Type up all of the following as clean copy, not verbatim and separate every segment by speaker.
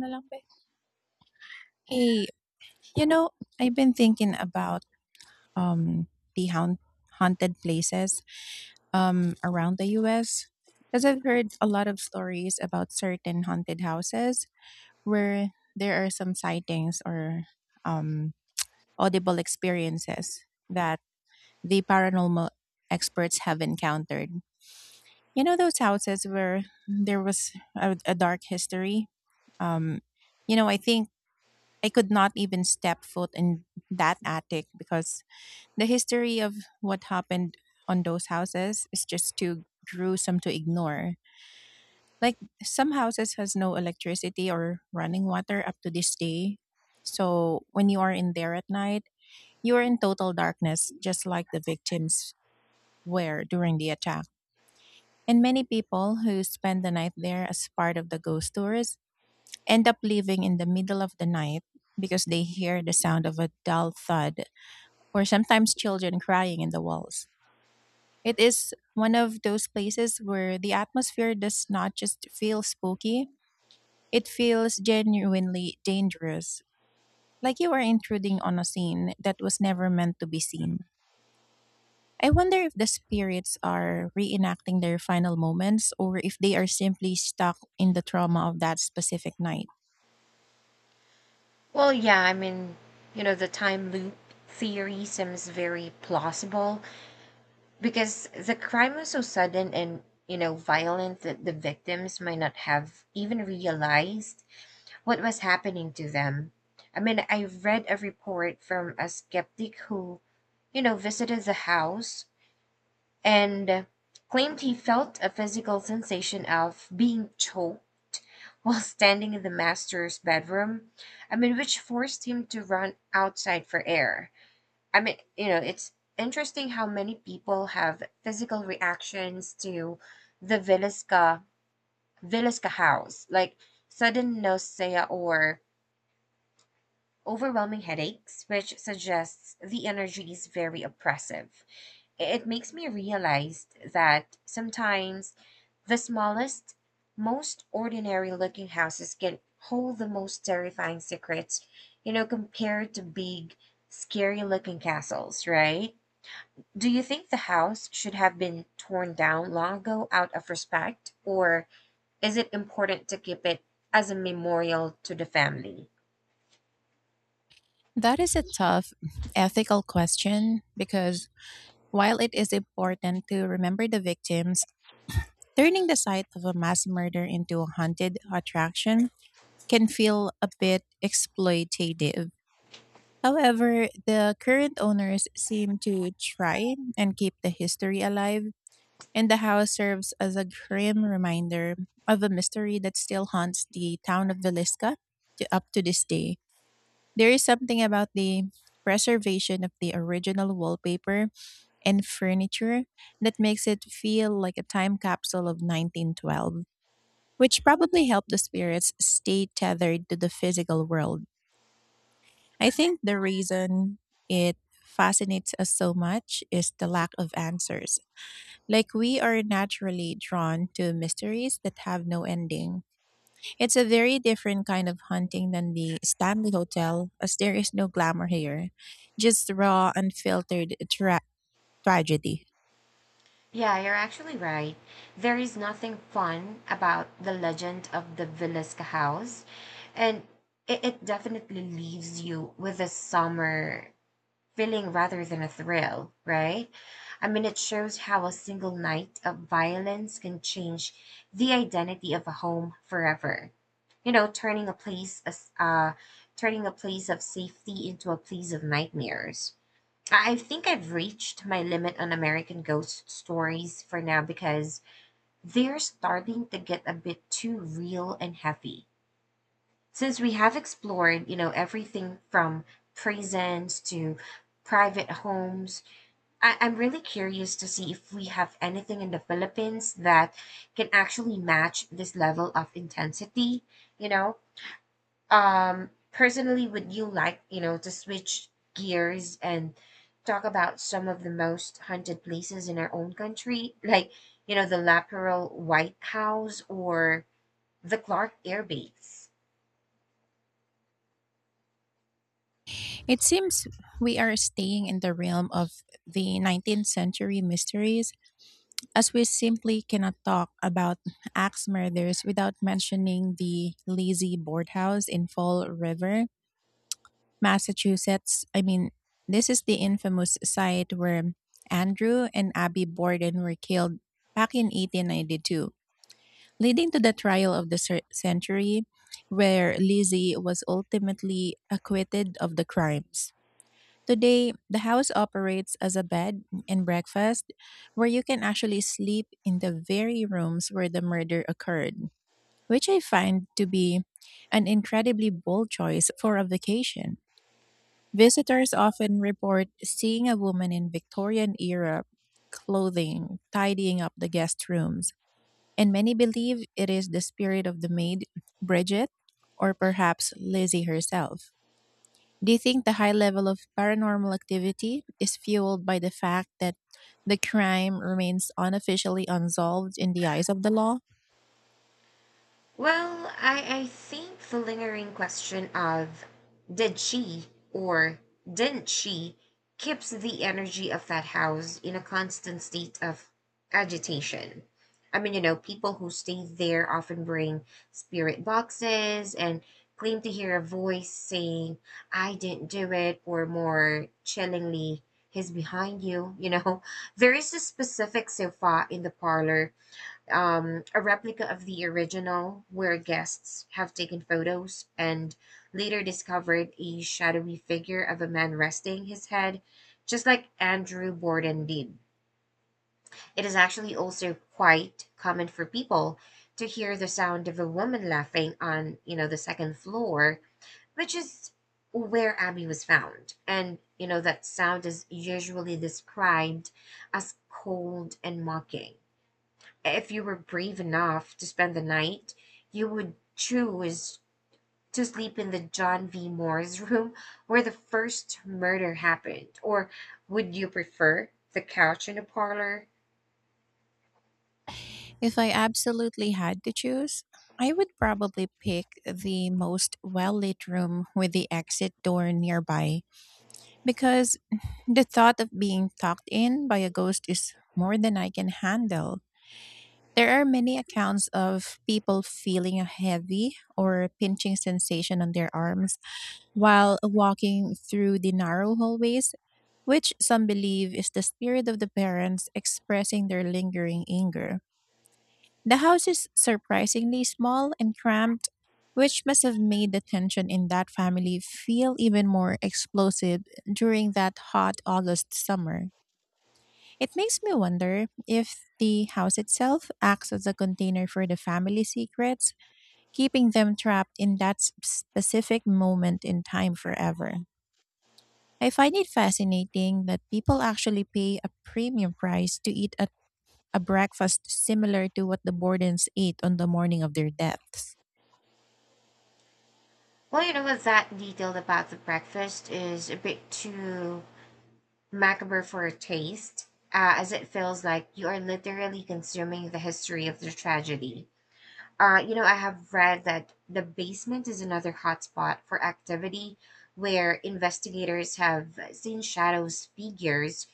Speaker 1: Na lang be. Hey, you know, I've been thinking about the haunted places around the US because I've heard a lot of stories about certain haunted houses where there are some sightings or um audible experiences that the paranormal experts have encountered. You know those houses where there was a dark history. Um I think I could not even step foot in that attic because the history of what happened on those houses is just too gruesome to ignore. Like some houses has no electricity or running water up to this day. So when you are in there at night, you are in total darkness just like the victims were during the attack. And many people who spend the night there as part of the ghost tours end up leaving in the middle of the night because they hear the sound of a dull thud or sometimes children crying in the walls. It is one of those places where the atmosphere does not just feel spooky, it feels genuinely dangerous, like you are intruding on a scene that was never meant to be seen. I wonder if the spirits are reenacting their final moments or if they are simply stuck in the trauma of that specific night.
Speaker 2: Well, yeah, I mean, you know, the time loop theory seems very plausible because the crime was so sudden and, you know, violent that the victims might not have even realized what was happening to them. I mean, I read a report from a skeptic who, you know, visited the house and claimed he felt a physical sensation of being choked while standing in the master's bedroom. I mean, which forced him to run outside for air. I mean, you know, it's interesting how many people have physical reactions to the Villisca house, like sudden nausea or overwhelming headaches, which suggests the energy is very oppressive. It makes me realize that sometimes the smallest, most ordinary looking houses can hold the most terrifying secrets, you know, compared to big, scary looking castles, right? Do you think the house should have been torn down long ago out of respect, or is it important to keep it as a memorial to the family?
Speaker 1: That is a tough ethical question because, while it is important to remember the victims, turning the site of a mass murder into a haunted attraction can feel a bit exploitative. However, the current owners seem to try and keep the history alive, and the house serves as a grim reminder of a mystery that still haunts the town of Villisca to up to this day. There is something about the preservation of the original wallpaper and furniture that makes it feel like a time capsule of 1912, which probably helped the spirits stay tethered to the physical world. I think the reason it fascinates us so much is the lack of answers. Like, we are naturally drawn to mysteries that have no ending. It's a very different kind of hunting than the Stanley Hotel, as there is no glamour here, just raw, unfiltered tragedy.
Speaker 2: Yeah, you're actually right. There is nothing fun about the legend of the Villisca House, and it definitely leaves you with a summer feeling rather than a thrill, right? I mean, it shows how a single night of violence can change the identity of a home forever. You know, turning a place of safety into a place of nightmares. I think I've reached my limit on American ghost stories for now because they're starting to get a bit too real and heavy. Since we have explored, you know, everything from prisons to private homes, I'm really curious to see if we have anything in the Philippines that can actually match this level of intensity, you know? Personally, would you like, you know, to switch gears and talk about some of the most haunted places in our own country, like, you know, the Laperal White House or the Clark Air Base?
Speaker 1: It seems we are staying in the realm of the 19th century mysteries, as we simply cannot talk about axe murders without mentioning the lazy boardhouse in Fall River, Massachusetts. I mean, this is the infamous site where Andrew and Abby Borden were killed back in 1892, leading to the trial of the century, where Lizzie was ultimately acquitted of the crimes. Today, the house operates as a bed and breakfast where you can actually sleep in the very rooms where the murder occurred, which I find to be an incredibly bold choice for a vacation. Visitors often report seeing a woman in Victorian era clothing tidying up the guest rooms, and many believe it is the spirit of the maid, Bridget, or perhaps Lizzie herself. Do you think the high level of paranormal activity is fueled by the fact that the crime remains unofficially unsolved in the eyes of the law?
Speaker 2: Well, I think the lingering question of did she or didn't she keeps the energy of that house in a constant state of agitation. I mean, you know, people who stay there often bring spirit boxes and claim to hear a voice saying, I didn't do it, or more chillingly, he's behind you. You know, there is a specific sofa in the parlor a replica of the original where guests have taken photos and later discovered a shadowy figure of a man resting his head, just like Andrew Borden did. It is actually also quite common for people to hear the sound of a woman laughing on, you know, the second floor, which is where Abby was found. And, you know, that sound is usually described as cold and mocking. If you were brave enough to spend the night, you would choose to sleep in the John V. Moore's room where the first murder happened, or would you prefer the couch in the parlor?
Speaker 1: If I absolutely had to choose, I would probably pick the most well lit room with the exit door nearby, because the thought of being talked in by a ghost is more than I can handle. There are many accounts of people feeling a heavy or pinching sensation on their arms while walking through the narrow hallways, which some believe is the spirit of the parents expressing their lingering anger. The house is surprisingly small and cramped, which must have made the tension in that family feel even more explosive during that hot August summer. It makes me wonder if the house itself acts as a container for the family secrets, keeping them trapped in that specific moment in time forever. I find it fascinating that people actually pay a premium price to eat at a breakfast similar to what the Bordens ate on the morning of their deaths.
Speaker 2: Well, you know what? That detail about the breakfast is a bit too macabre for a taste, as it feels like you are literally consuming the history of the tragedy. You know, I have read that the basement is another hotspot for activity where investigators have seen shadows figures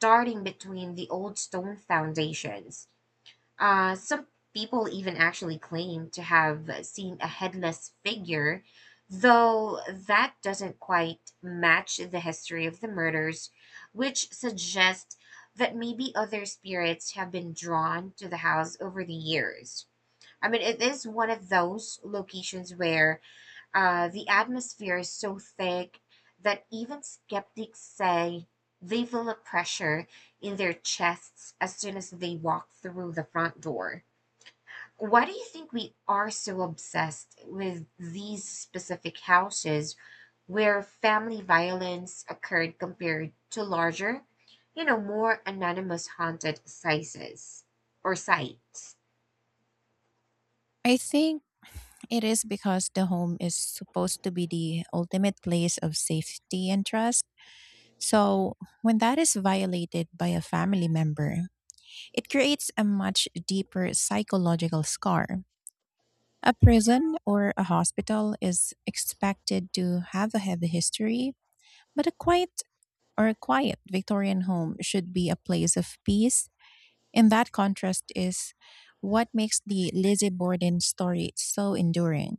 Speaker 2: darting between the old stone foundations. Some people even actually claim to have seen a headless figure, though that doesn't quite match the history of the murders, which suggests that maybe other spirits have been drawn to the house over the years. I mean, it is one of those locations where the atmosphere is so thick that even skeptics say they feel a pressure in their chests as soon as they walk through the front door. Why do you think we are so obsessed with these specific houses where family violence occurred compared to larger, you know, more anonymous haunted sizes or sites?
Speaker 1: I think it is because the home is supposed to be the ultimate place of safety and trust. So, when that is violated by a family member, it creates a much deeper psychological scar. A prison or a hospital is expected to have a heavy history, but a quiet or a quiet Victorian home should be a place of peace. And that contrast is what makes the Lizzie Borden story so enduring.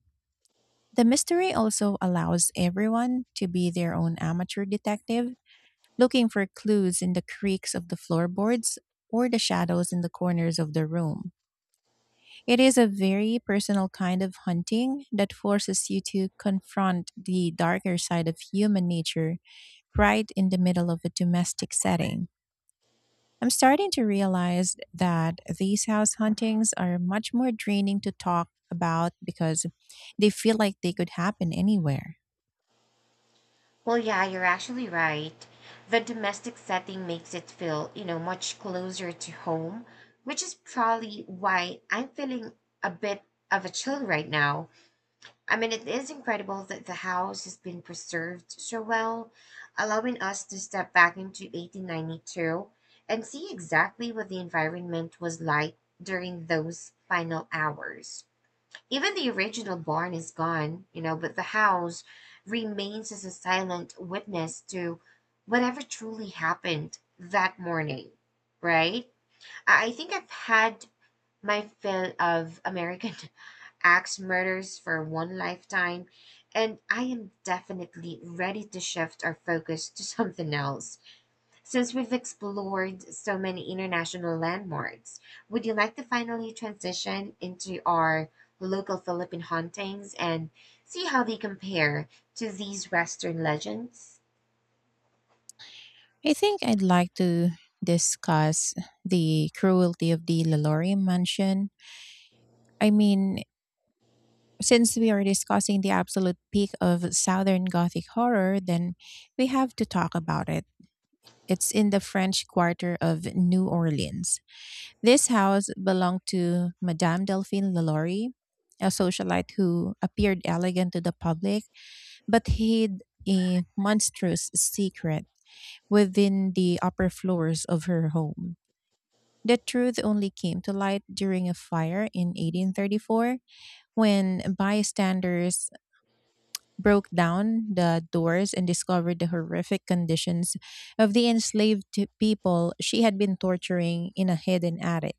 Speaker 1: The mystery also allows everyone to be their own amateur detective, looking for clues in the creaks of the floorboards or the shadows in the corners of the room. It is a very personal kind of hunting that forces you to confront the darker side of human nature right in the middle of a domestic setting. I'm starting to realize that these house huntings are much more draining to talk about, because they feel like they could happen anywhere.
Speaker 2: Well, yeah, you're actually right. The domestic setting makes it feel, you know, much closer to home, which is probably why I'm feeling a bit of a chill right now. I mean, it is incredible that the house has been preserved so well, allowing us to step back into 1892 and see exactly what the environment was like during those final hours. Even the original barn is gone, you know, but the house remains as a silent witness to whatever truly happened that morning, right? I think I've had my fill of American axe murders for one lifetime, and I am definitely ready to shift our focus to something else. Since we've explored so many international landmarks, would you like to finally transition into our local Philippine hauntings and see how they compare to these Western legends?
Speaker 1: I think I'd like to discuss the cruelty of the Lalaurie mansion. I mean, since we are discussing the absolute peak of Southern Gothic horror, then we have to talk about it. It's in the French Quarter of New Orleans. This house belonged to Madame Delphine Lalaurie, a socialite who appeared elegant to the public but hid a monstrous secret within the upper floors of her home. The truth only came to light during a fire in 1834, when bystanders broke down the doors and discovered the horrific conditions of the enslaved people she had been torturing in a hidden attic.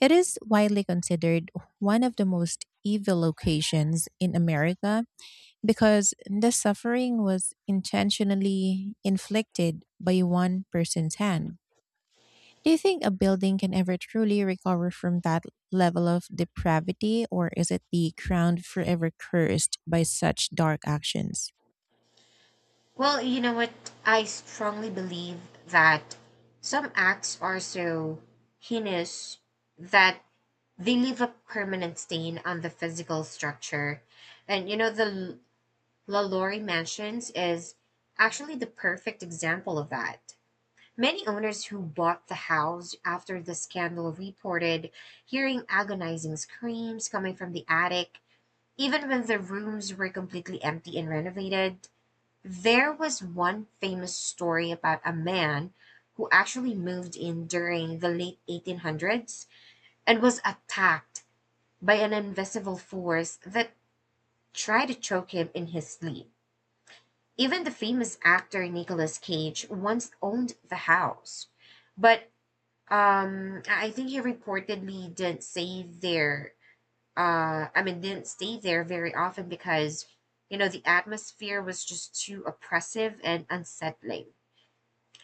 Speaker 1: It is widely considered one of the most evil locations in America, because the suffering was intentionally inflicted by one person's hand. Do you think a building can ever truly recover from that level of depravity, or is it the ground forever cursed by such dark actions?
Speaker 2: Well, you know what? I strongly believe that some acts are so heinous that they leave a permanent stain on the physical structure. And you know, the LaLaurie Mansions is actually the perfect example of that. Many owners who bought the house after the scandal reported hearing agonizing screams coming from the attic, even when the rooms were completely empty and renovated. There was one famous story about a man who actually moved in during the late 1800s and was attacked by an invisible force that tried to choke him in his sleep. Even the famous actor Nicolas Cage once owned the house, but I think he reportedly didn't stay there. I mean, didn't stay there very often because, you know, the atmosphere was just too oppressive and unsettling.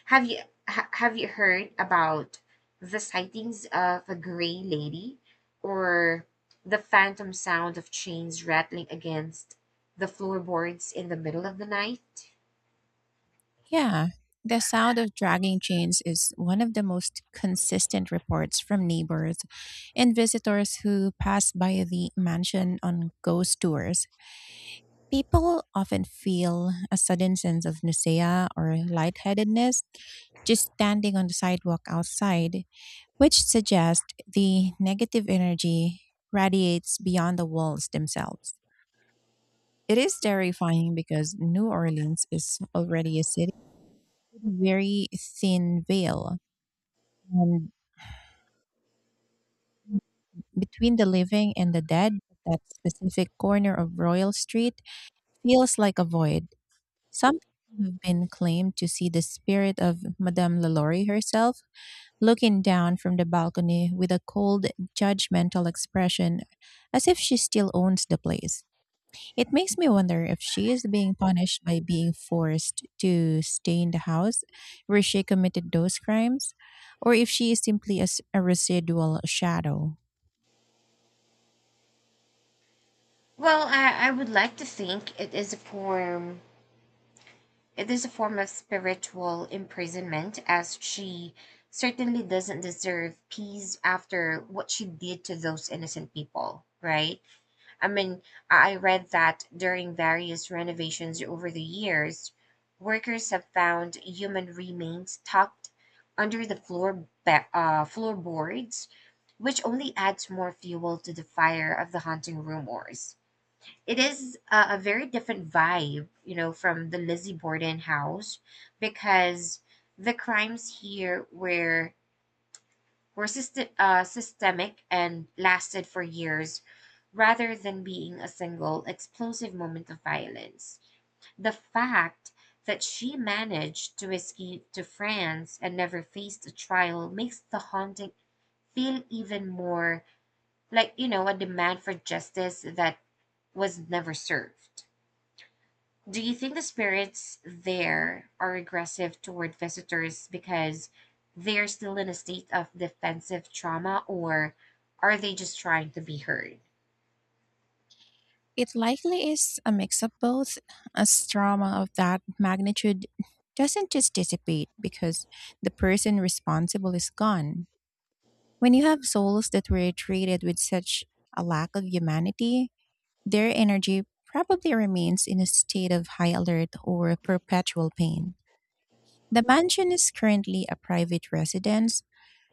Speaker 2: Have you have you heard about the sightings of a gray lady or the phantom sound of chains rattling against the floorboards in the middle of the night?
Speaker 1: Yeah, the sound of dragging chains is one of the most consistent reports from neighbors and visitors who pass by the mansion on ghost tours. People often feel a sudden sense of nausea or lightheadedness just standing on the sidewalk outside, which suggests the negative energy radiates beyond the walls themselves. It is terrifying because New Orleans is already a city very thin veil. And between the living and the dead, that specific corner of Royal Street feels like a void. Some people have been claimed to see the spirit of Madame Lalaurie herself, looking down from the balcony with a cold, judgmental expression, as if she still owns the place. It makes me wonder if she is being punished by being forced to stay in the house where she committed those crimes, or if she is simply as a residual shadow.
Speaker 2: Well, I would like to think it is a form It is a form of spiritual imprisonment, as she certainly doesn't deserve peace after what she did to those innocent people, right? I mean, I read that during various renovations over the years, workers have found human remains tucked under the floorboards, which only adds more fuel to the fire of the haunting rumors. It is a very different vibe, you know, from the Lizzie Borden house because the crimes here were systemic and lasted for years rather than being a single explosive moment of violence. The fact that she managed to escape to France and never faced a trial makes the haunting feel even more like, you know, a demand for justice that was never served. Do you think the spirits there are aggressive toward visitors because they're still in a state of defensive trauma, or are they just trying to be heard?
Speaker 1: It likely is a mix of both, as trauma of that magnitude doesn't just dissipate because the person responsible is gone. When you have souls that were treated with such a lack of humanity, their energy probably remains in a state of high alert or perpetual pain. The mansion is currently a private residence,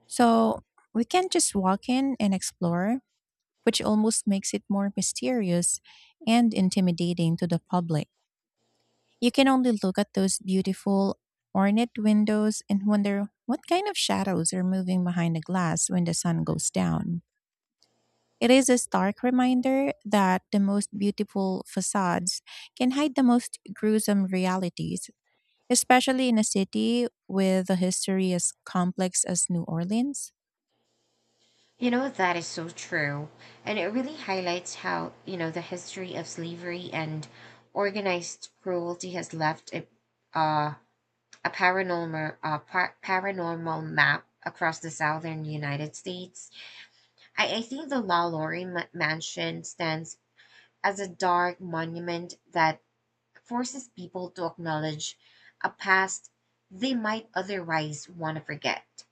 Speaker 1: so we can not just walk in and explore, which almost makes it more mysterious and intimidating to the public. You can only look at those beautiful, ornate windows and wonder what kind of shadows are moving behind the glass when the sun goes down. It is a stark reminder that the most beautiful facades can hide the most gruesome realities, especially in a city with a history as complex as New Orleans.
Speaker 2: You know, that is so true. And it really highlights how, you know, the history of slavery and organized cruelty has left uh, a paranormal, paranormal map across the southern United States. I think the La Laurie mansion stands as a dark monument that forces people to acknowledge a past they might otherwise want to forget.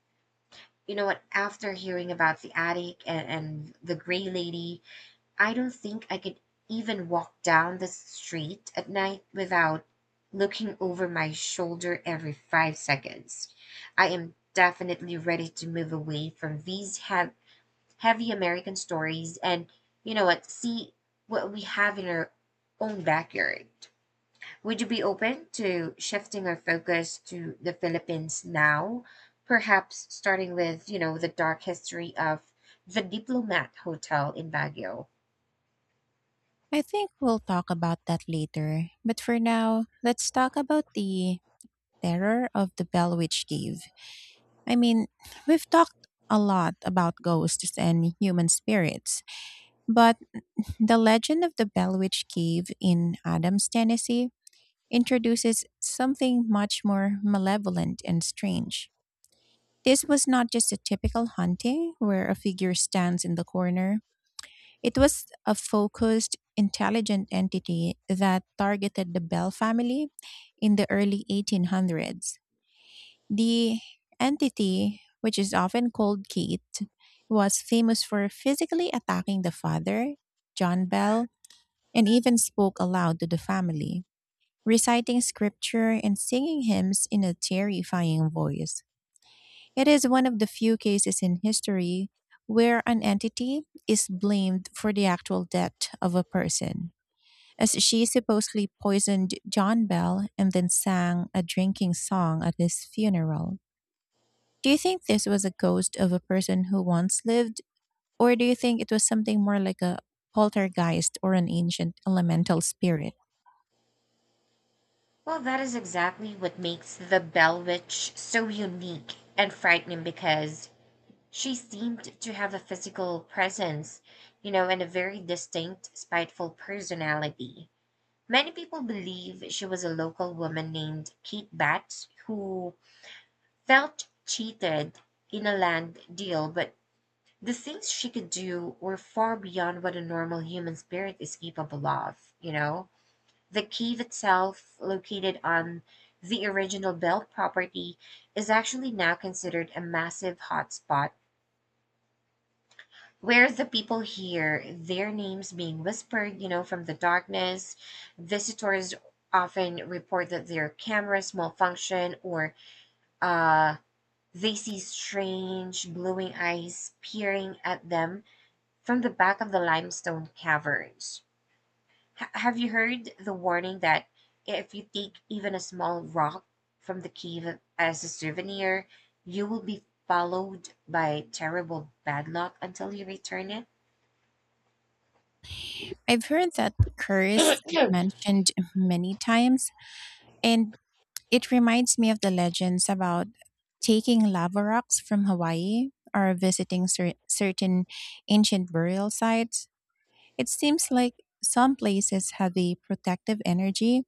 Speaker 2: You know what? After hearing about the attic and the gray lady, I don't think I could even walk down the street at night without looking over my shoulder every 5 seconds. I am definitely ready to move away from these heavy American stories, and you know what, see what we have in our own backyard. Would you be open to shifting our focus to the Philippines now? Perhaps starting with, you know, the dark history of the Diplomat Hotel in Baguio.
Speaker 1: I think we'll talk about that later, but for now, let's talk about the terror of the Bell Witch Cave. I mean, we've talked a lot about ghosts and human spirits, but the legend of the Bell Witch Cave in Adams, Tennessee introduces something much more malevolent and strange. This was not just a typical haunting where a figure stands in the corner. It was a focused, intelligent entity that targeted the Bell family in the early 1800s. The entity, which is often called Kate, was famous for physically attacking the father, John Bell, and even spoke aloud to the family, reciting scripture and singing hymns in a terrifying voice. It is one of the few cases in history where an entity is blamed for the actual death of a person, as she supposedly poisoned John Bell and then sang a drinking song at his funeral. Do you think this was a ghost of a person who once lived, or do you think it was something more like a poltergeist or an ancient elemental spirit?
Speaker 2: Well, that is exactly what makes the Bell Witch so unique and frightening because she seemed to have a physical presence, you know, and a very distinct, spiteful personality. Many people believe she was a local woman named Kate Batts who felt cheated in a land deal, but the things she could do were far beyond what a normal human spirit is capable of, you know? The cave itself, located on the original Bell property, is actually now considered a massive hotspot whereas the people hear their names being whispered, you know, from the darkness. Visitors often report that their cameras malfunction, or uh, they see strange glowing eyes peering at them from the back of the limestone caverns. Have you heard the warning that if you take even a small rock from the cave as a souvenir, you will be followed by terrible bad luck until you return it?
Speaker 1: I've heard that curse mentioned many times, and it reminds me of the legends about taking lava rocks from Hawaii or visiting certain ancient burial sites. It seems like some places have a protective energy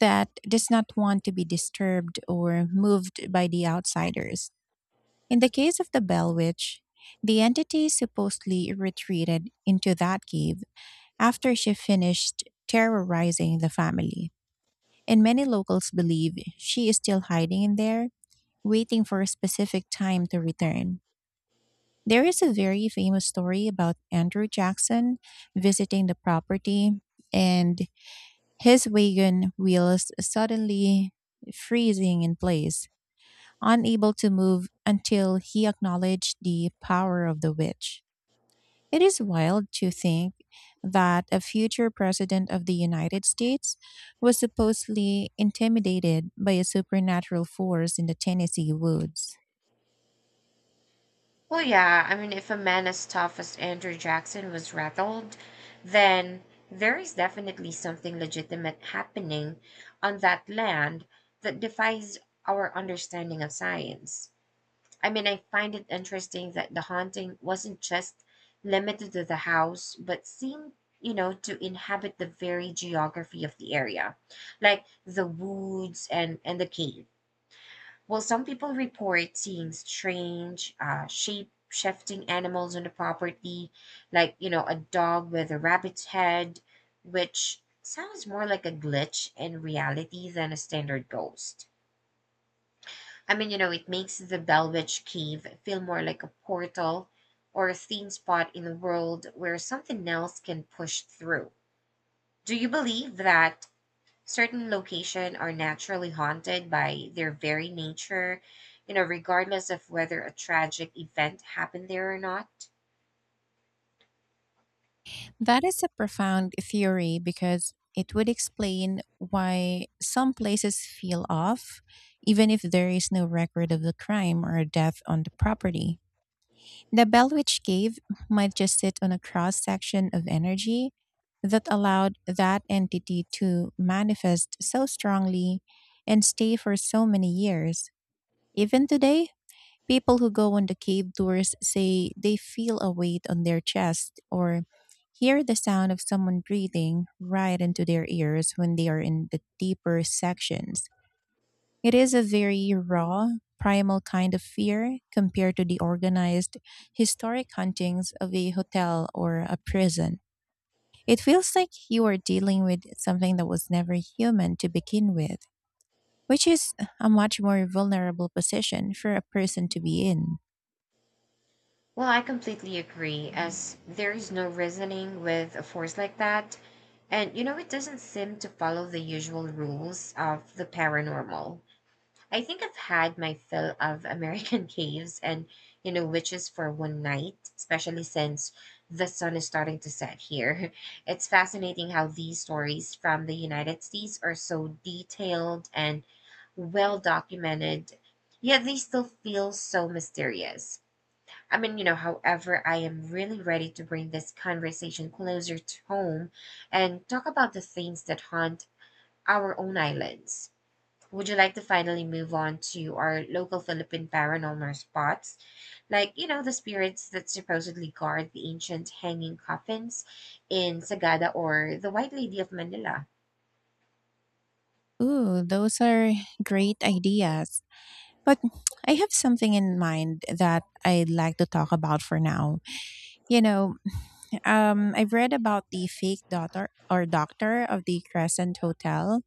Speaker 1: that does not want to be disturbed or moved by the outsiders. In the case of the Bell Witch, the entity supposedly retreated into that cave after she finished terrorizing the family. And many locals believe she is still hiding in there waiting for a specific time to return. There is a very famous story about Andrew Jackson visiting the property and his wagon wheels suddenly freezing in place, unable to move until he acknowledged the power of the witch. It is wild to think that a future president of the United States was supposedly intimidated by a supernatural force in the Tennessee woods.
Speaker 2: Well, yeah. I mean, if a man as tough as Andrew Jackson was rattled, then there is definitely something legitimate happening on that land that defies our understanding of science. I mean, I find it interesting that the haunting wasn't just limited to the house, but seemed, you know, to inhabit the very geography of the area, like the woods and the cave. Well, some people report seeing strange, shape shifting animals on the property, like, you know, a dog with a rabbit's head, which sounds more like a glitch in reality than a standard ghost. I mean, you know, it makes the Belwitch Cave feel more like a portal or a theme spot in the world where something else can push through. Do you believe that certain locations are naturally haunted by their very nature, you know, regardless of whether a tragic event happened there or not?
Speaker 1: That is a profound theory because it would explain why some places feel off, even if there is no record of the crime or death on the property. The Belwitch Cave might just sit on a cross section of energy that allowed that entity to manifest so strongly and stay for so many years. Even today, people who go on the cave tours say they feel a weight on their chest or hear the sound of someone breathing right into their ears when they are in the deeper sections. It is a very raw, primal kind of fear compared to the organized, historic huntings of a hotel or a prison. It feels like you are dealing with something that was never human to begin with, which is a much more vulnerable position for a person to be in.
Speaker 2: Well, I completely agree, as there is no reasoning with a force like that. And, you know, it doesn't seem to follow the usual rules of the paranormal. I think I've had my fill of American caves and, you know, witches for one night, especially since the sun is starting to set here. It's fascinating how these stories from the United States are so detailed and well documented, yet they still feel so mysterious. I mean, you know, however, I am really ready to bring this conversation closer to home and talk about the things that haunt our own islands. Would you like to finally move on to our local Philippine paranormal spots? Like, you know, the spirits that supposedly guard the ancient hanging coffins in Sagada or the White Lady of Manila.
Speaker 1: Ooh, those are great ideas. But I have something in mind that I'd like to talk about for now. You know, I've read about the fake daughter or doctor of the Crescent Hotel.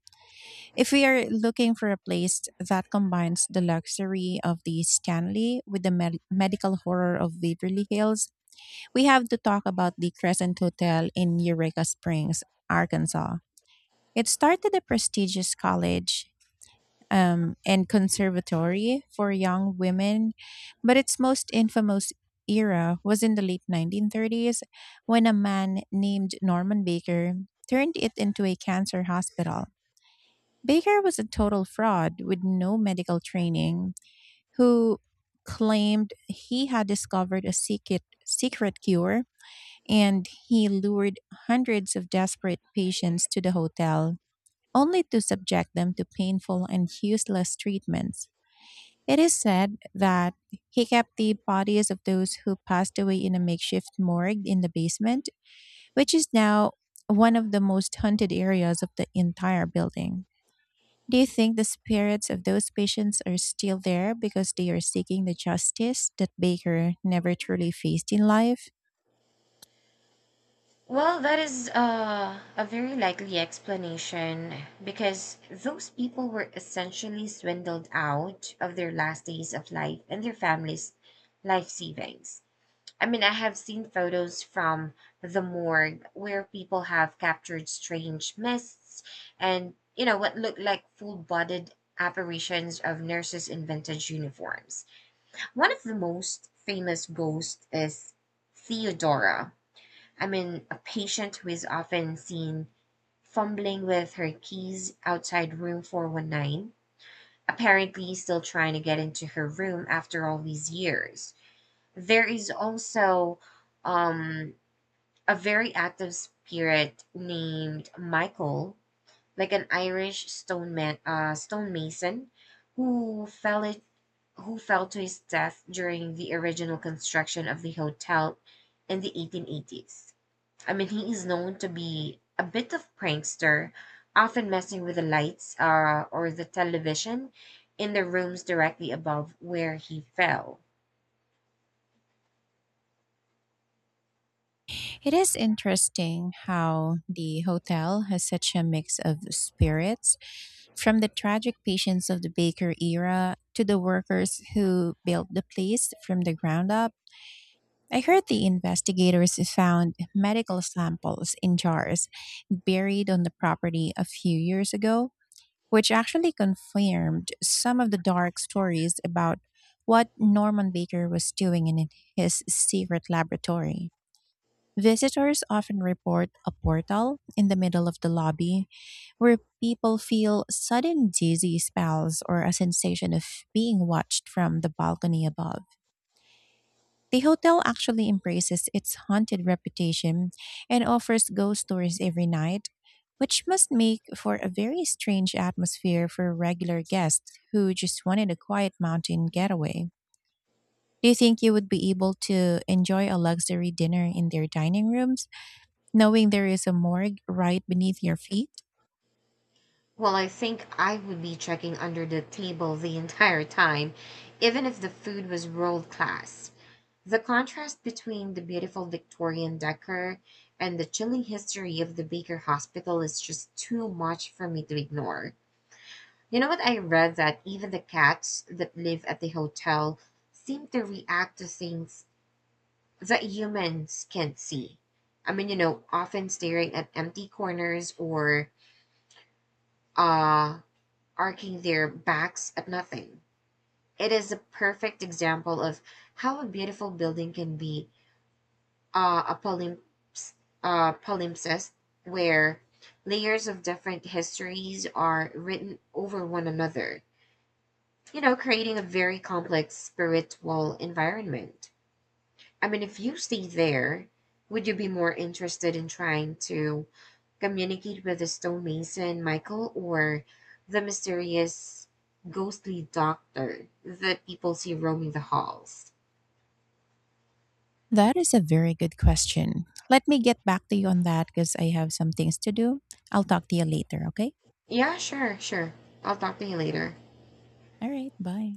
Speaker 1: If we are looking for a place that combines the luxury of the Stanley with the medical horror of Beverly Hills, we have to talk about the Crescent Hotel in Eureka Springs, Arkansas. It started a prestigious college, and conservatory for young women, but its most infamous era was in the late 1930s when a man named Norman Baker turned it into a cancer hospital. Baker was a total fraud with no medical training who claimed he had discovered a secret cure, and he lured hundreds of desperate patients to the hotel only to subject them to painful and useless treatments. It is said that he kept the bodies of those who passed away in a makeshift morgue in the basement, which is now one of the most haunted areas of the entire building. Do you think the spirits of those patients are still there because they are seeking the justice that Baker never truly faced in life?
Speaker 2: Well, that is a very likely explanation because those people were essentially swindled out of their last days of life and their families' life savings. I mean, I have seen photos from the morgue where people have captured strange mists and, you know, what looked like full bodied apparitions of nurses in vintage uniforms. One of the most famous ghosts is Theodora. I mean, a patient who is often seen fumbling with her keys outside room 419, apparently still trying to get into her room after all these years. There is also um a very active spirit named Michael, like an Irish stone man, stonemason, who fell it, who fell to his death during the original construction of the hotel in the 1880s. I mean, he is known to be a bit of prankster, often messing with the lights or the television in the rooms directly above where he fell.
Speaker 1: It is interesting how the hotel has such a mix of spirits, from the tragic patience of the Baker era to the workers who built the place from the ground up. I heard the investigators found medical samples in jars buried on the property a few years ago, which actually confirmed some of the dark stories about what Norman Baker was doing in his secret laboratory. Visitors often report a portal in the middle of the lobby where people feel sudden dizzy spells or a sensation of being watched from the balcony above. The hotel actually embraces its haunted reputation and offers ghost tours every night, which must make for a very strange atmosphere for regular guests who just wanted a quiet mountain getaway. Do you think you would be able to enjoy a luxury dinner in their dining rooms, knowing there is a morgue right beneath your feet?
Speaker 2: Well, I think I would be checking under the table the entire time, even if the food was world class. The contrast between the beautiful Victorian decor and the chilling history of the Baker Hospital is just too much for me to ignore. You know what? I read that even the cats that live at the hotel seem to react to things that humans can't see. I mean, you know, often staring at empty corners or uh arching their backs at nothing. It is a perfect example of how a beautiful building can be a palimpsest where layers of different histories are written over one another, you know, creating a very complex spiritual environment. I mean, if you stay there, would you be more interested in trying to communicate with the stonemason, Michael, or the mysterious ghostly doctor that people see roaming the halls?
Speaker 1: That is a very good question. Let me get back to you on that because I have some things to do. I'll talk to you later, okay?
Speaker 2: Yeah, sure. I'll talk to you later.
Speaker 1: All right, bye.